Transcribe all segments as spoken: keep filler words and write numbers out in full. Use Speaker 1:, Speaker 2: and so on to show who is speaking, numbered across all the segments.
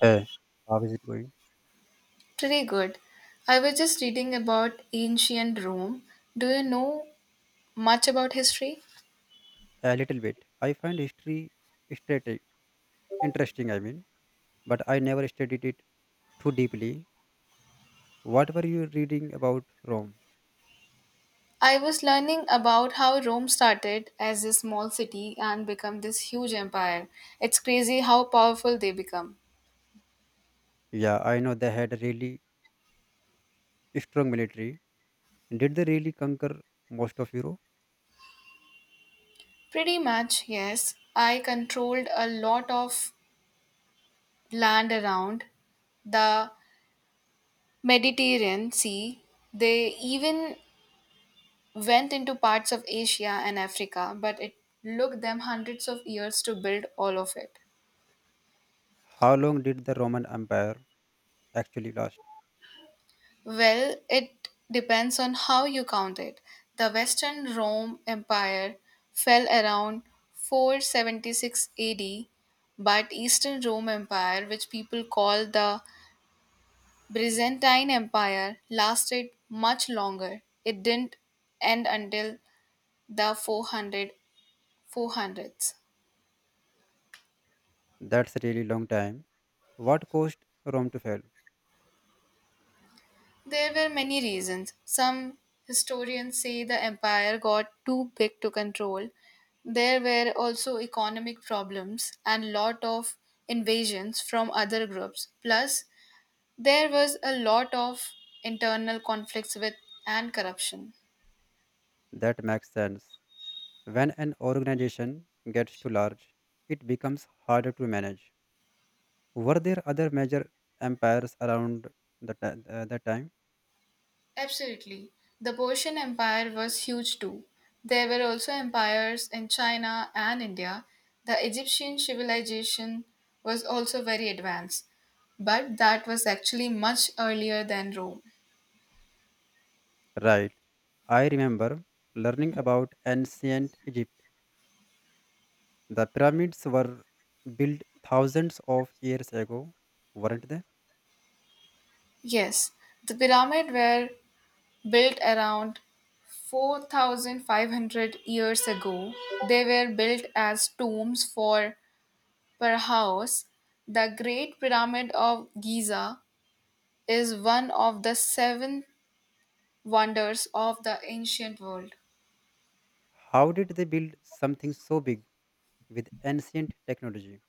Speaker 1: Hey, how is it going?
Speaker 2: Pretty good. I was just reading about ancient Rome. Do you know much about history?
Speaker 1: A little bit. I find history strati- interesting, I mean, but I never studied it too deeply. What were you reading about Rome?
Speaker 2: I was learning about how Rome started as a small city and become this huge empire. It's crazy how powerful they become.
Speaker 1: Yeah, I know they had a really strong military. Did they really conquer most of Europe?
Speaker 2: Pretty much, yes. I controlled a lot of land around the Mediterranean Sea. They even went into parts of Asia and Africa, but it took them hundreds of years to build all of it.
Speaker 1: How long did the Roman Empire actually last?
Speaker 2: Well, it depends on how you count it. The Western Rome Empire fell around four seventy-six A D, but Eastern Rome Empire, which people call the Byzantine Empire, lasted much longer. It didn't end until the four hundred four hundreds.
Speaker 1: That's a really long time. What caused Rome to fall?
Speaker 2: There were many reasons. Some historians say the empire got too big to control. There were also economic problems and lot of invasions from other groups. Plus, there was a lot of internal conflicts with and corruption.
Speaker 1: That makes sense. When an organization gets too large, it becomes harder to manage. Were there other major empires around the, ti- uh, the time?
Speaker 2: Absolutely. The Persian Empire was huge too. There were also empires in China and India. The Egyptian civilization was also very advanced, but that was actually much earlier than Rome.
Speaker 1: Right. I remember learning about ancient Egypt. The pyramids were built thousands of years ago, weren't they?
Speaker 2: Yes, the pyramids were built around four thousand five hundred years ago. They were built as tombs for Perhaus. The Great Pyramid of Giza is one of the seven wonders of the ancient world.
Speaker 1: How did they build something so big with ancient technology?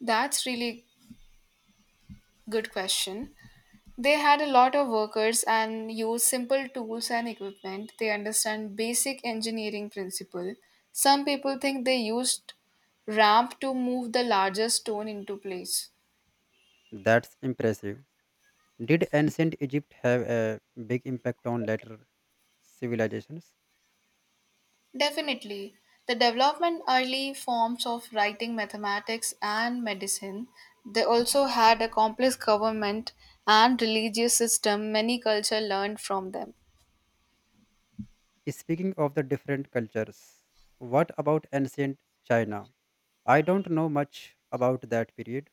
Speaker 2: That's really good question. They had a lot of workers and used simple tools and equipment. They understand basic engineering principle. Some people think they used ramp to move the larger stone into place.
Speaker 1: That's impressive. Did ancient Egypt have a big impact on later civilizations?
Speaker 2: Definitely. The development early forms of writing mathematics and medicine. They also had a complex government and religious system. Many culture learned from them.
Speaker 1: Speaking of the different cultures, what about ancient China? I don't know much about that period.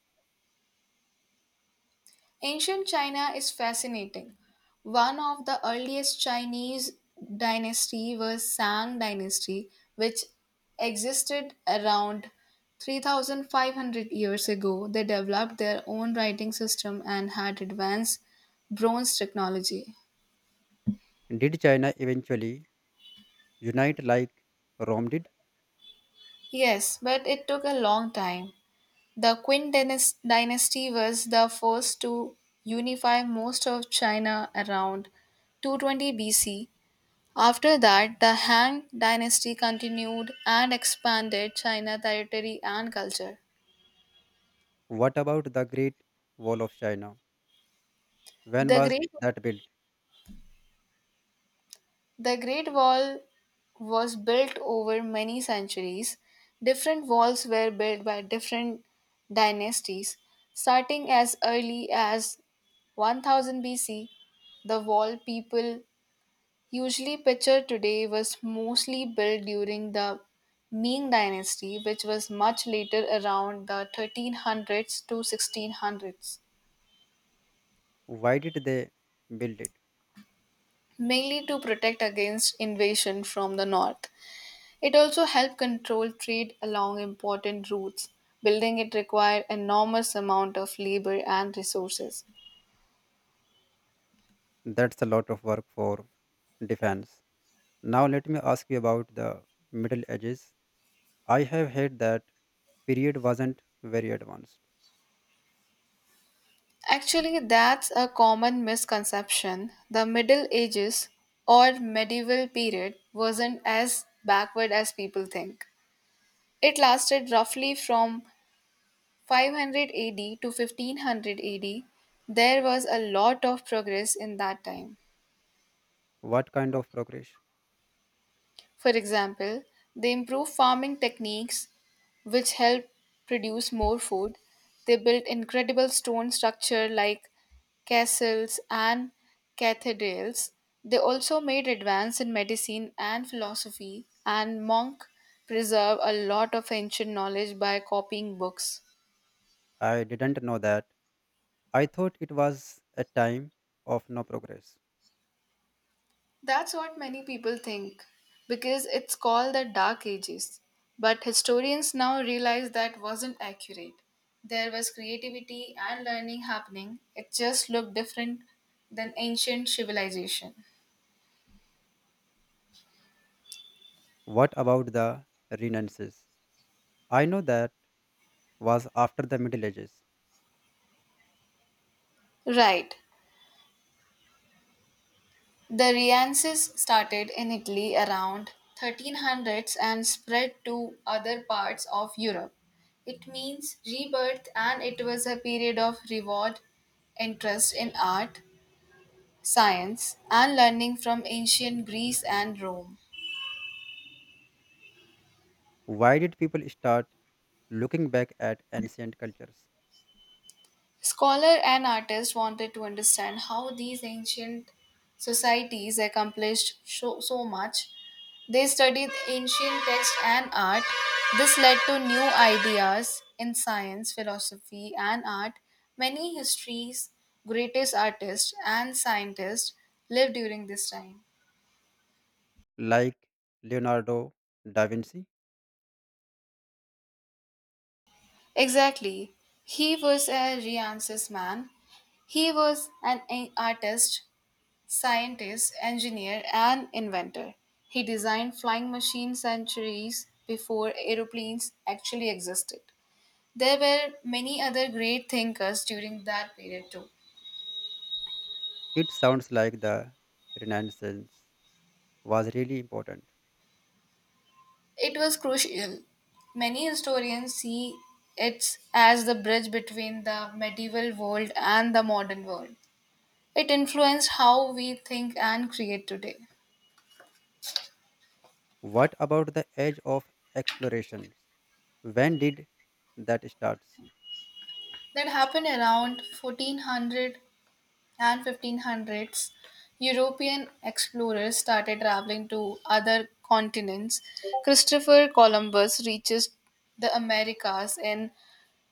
Speaker 2: Ancient China is fascinating. One of the earliest Chinese dynasty was Sang dynasty, which existed around three thousand five hundred years ago. They developed their own writing system and had advanced bronze technology.
Speaker 1: Did China eventually unite like Rome did?
Speaker 2: Yes, but it took a long time. The Qin dynas- dynasty was the first to unify most of China around two twenty B C. After that, the Han dynasty continued and expanded China territory and culture.
Speaker 1: What about the Great Wall of China? When
Speaker 2: The
Speaker 1: was
Speaker 2: Great,
Speaker 1: that built?
Speaker 2: the Great Wall was built over many centuries. Different walls were built by different dynasties. Starting as early as one thousand B C, the wall people usually pitcher today was mostly built during the Ming dynasty, which was much later around the thirteen hundreds to sixteen hundreds,
Speaker 1: Why did they build it?
Speaker 2: mainly to protect against invasion from the north. It also helped control trade along important routes. Building it required enormous amount of labor and resources.
Speaker 1: That's a lot of work for defense. Now, let me ask you about the Middle Ages. I have heard that period wasn't very advanced.
Speaker 2: Actually, that's a common misconception. The Middle Ages or medieval period wasn't as backward as people think. It lasted roughly from five hundred A D to fifteen hundred A D. There was a lot of progress in that time.
Speaker 1: What kind of progress?
Speaker 2: For example, they improve farming techniques which help produce more food. They built incredible stone structure like castles and cathedrals. They also made advance in medicine and philosophy and monk preserve a lot of ancient knowledge by copying books.
Speaker 1: I didn't know that. I thought it was a time of no progress.
Speaker 2: That's what many people think, because it's called the Dark Ages. But historians now realize that wasn't accurate. There was creativity and learning happening, it just looked different than ancient civilization.
Speaker 1: What about the Renaissance? I know that was after the Middle Ages.
Speaker 2: Right. The Renaissance started in Italy around thirteen hundreds and spread to other parts of Europe. It means rebirth and it was a period of reward, interest in art, science, and learning from ancient Greece and Rome.
Speaker 1: Why did people start looking back at ancient cultures
Speaker 2: Scholar and artists wanted to understand how these ancient societies accomplished so, so much. They studied ancient text and art. This led to new ideas in science, philosophy, and art. Many histories, greatest artists, and scientists lived during this time.
Speaker 1: like Leonardo da Vinci?
Speaker 2: Exactly. He was a Renaissance man. He was an a- artist, scientist, engineer, and inventor. He designed flying machines centuries before aeroplanes actually existed. There were many other great thinkers during that period too.
Speaker 1: It sounds like the Renaissance was really important.
Speaker 2: It was crucial. Many historians see it as the bridge between the medieval world and the modern world. It influenced how we think and create today.
Speaker 1: What about the age of explorations? When did that start?
Speaker 2: That happened around fourteen hundred and fifteen hundreds, European explorers started traveling to other continents. Christopher Columbus reaches the Americas in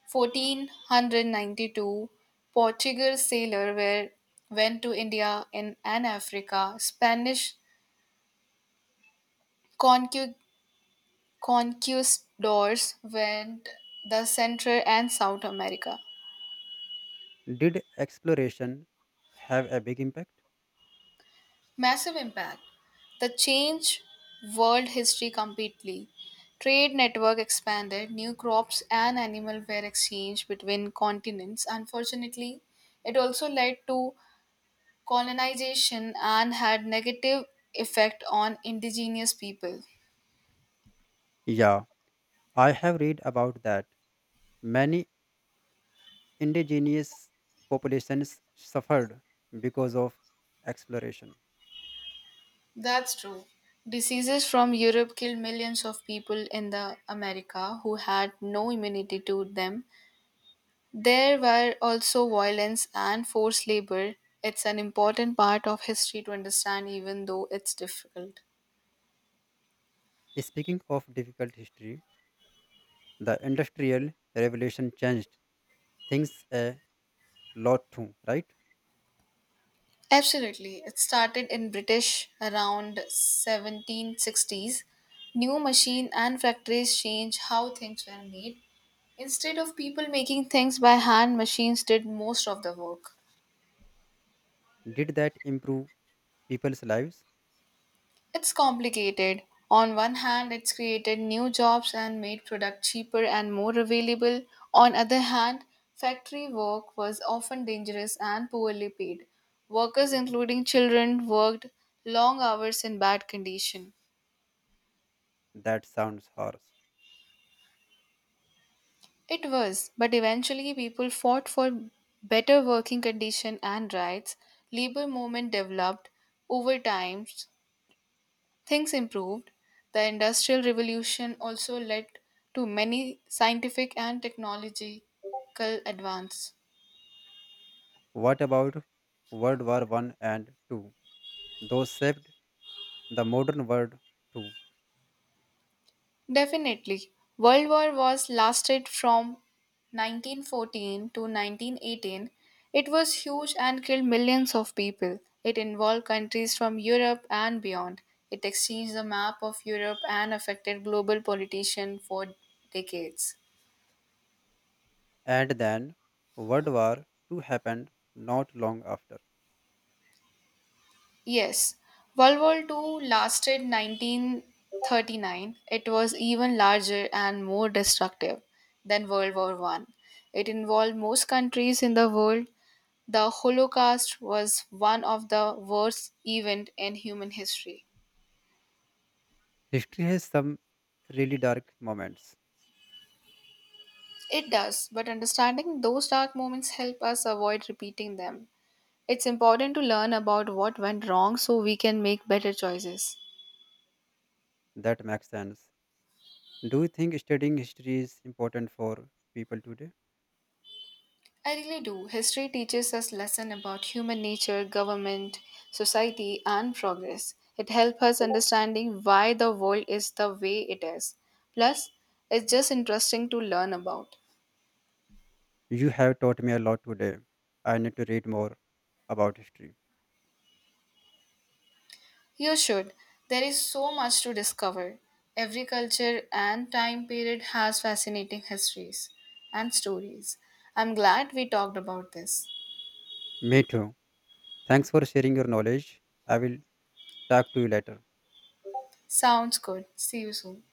Speaker 2: fourteen ninety-two. Portuguese sailors were, went to India and, and Africa. Spanish conqu- conquistadors went the Central and South America.
Speaker 1: Did exploration have a big impact?
Speaker 2: Massive impact. The change world history completely. Trade network expanded, new crops and animal were exchanged between continents. Unfortunately, it also led to colonization and had negative effect on indigenous people.
Speaker 1: Yeah, I have read about that. Many indigenous populations suffered because of exploration.
Speaker 2: That's true. Diseases from Europe killed millions of people in the America who had no immunity to them. There were also violence and forced labor. It's an important part of history to understand, even though it's difficult.
Speaker 1: Speaking of difficult history, the Industrial Revolution changed things a lot too, right?
Speaker 2: Absolutely. It started in British around seventeen sixties. New machine and factories changed how things were made. Instead of people making things by hand, machines did most of the work.
Speaker 1: Did that improve people's lives?
Speaker 2: It's complicated. On one hand, it's created new jobs and made products cheaper and more available. On other hand, factory work was often dangerous and poorly paid. Workers, including children, worked long hours in bad condition.
Speaker 1: That sounds harsh.
Speaker 2: It was, but eventually people fought for better working condition and rights. Labor movement developed over time. Things improved. The Industrial Revolution also led to many scientific and technological advance.
Speaker 1: What about World War One and Two? Those shaped the modern world too.
Speaker 2: Definitely, World War was lasted from nineteen fourteen to nineteen eighteen. It was huge and killed millions of people. It involved countries from Europe and beyond. It exchanged the map of Europe and affected global politician for decades.
Speaker 1: And then World War Two happened not long after.
Speaker 2: Yes, World War two lasted nineteen thirty-nine. It was even larger and more destructive than World War One. It involved most countries in the world. The Holocaust was one of the worst events in human history.
Speaker 1: History has some really dark moments.
Speaker 2: It does, but understanding those dark moments help us avoid repeating them. It's important to learn about what went wrong so we can make better choices.
Speaker 1: That makes sense. Do you think studying history is important for people today?
Speaker 2: I really do. History teaches us lesson about human nature, government, society, and progress. It helps us understanding why the world is the way it is. Plus, it's just interesting to learn about.
Speaker 1: You have taught me a lot today. I need to read more about history.
Speaker 2: You should. There is so much to discover. Every culture and time period has fascinating histories and stories. I'm glad we talked about this.
Speaker 1: Me too. Thanks for sharing your knowledge. I will talk to you later.
Speaker 2: Sounds good. See you soon.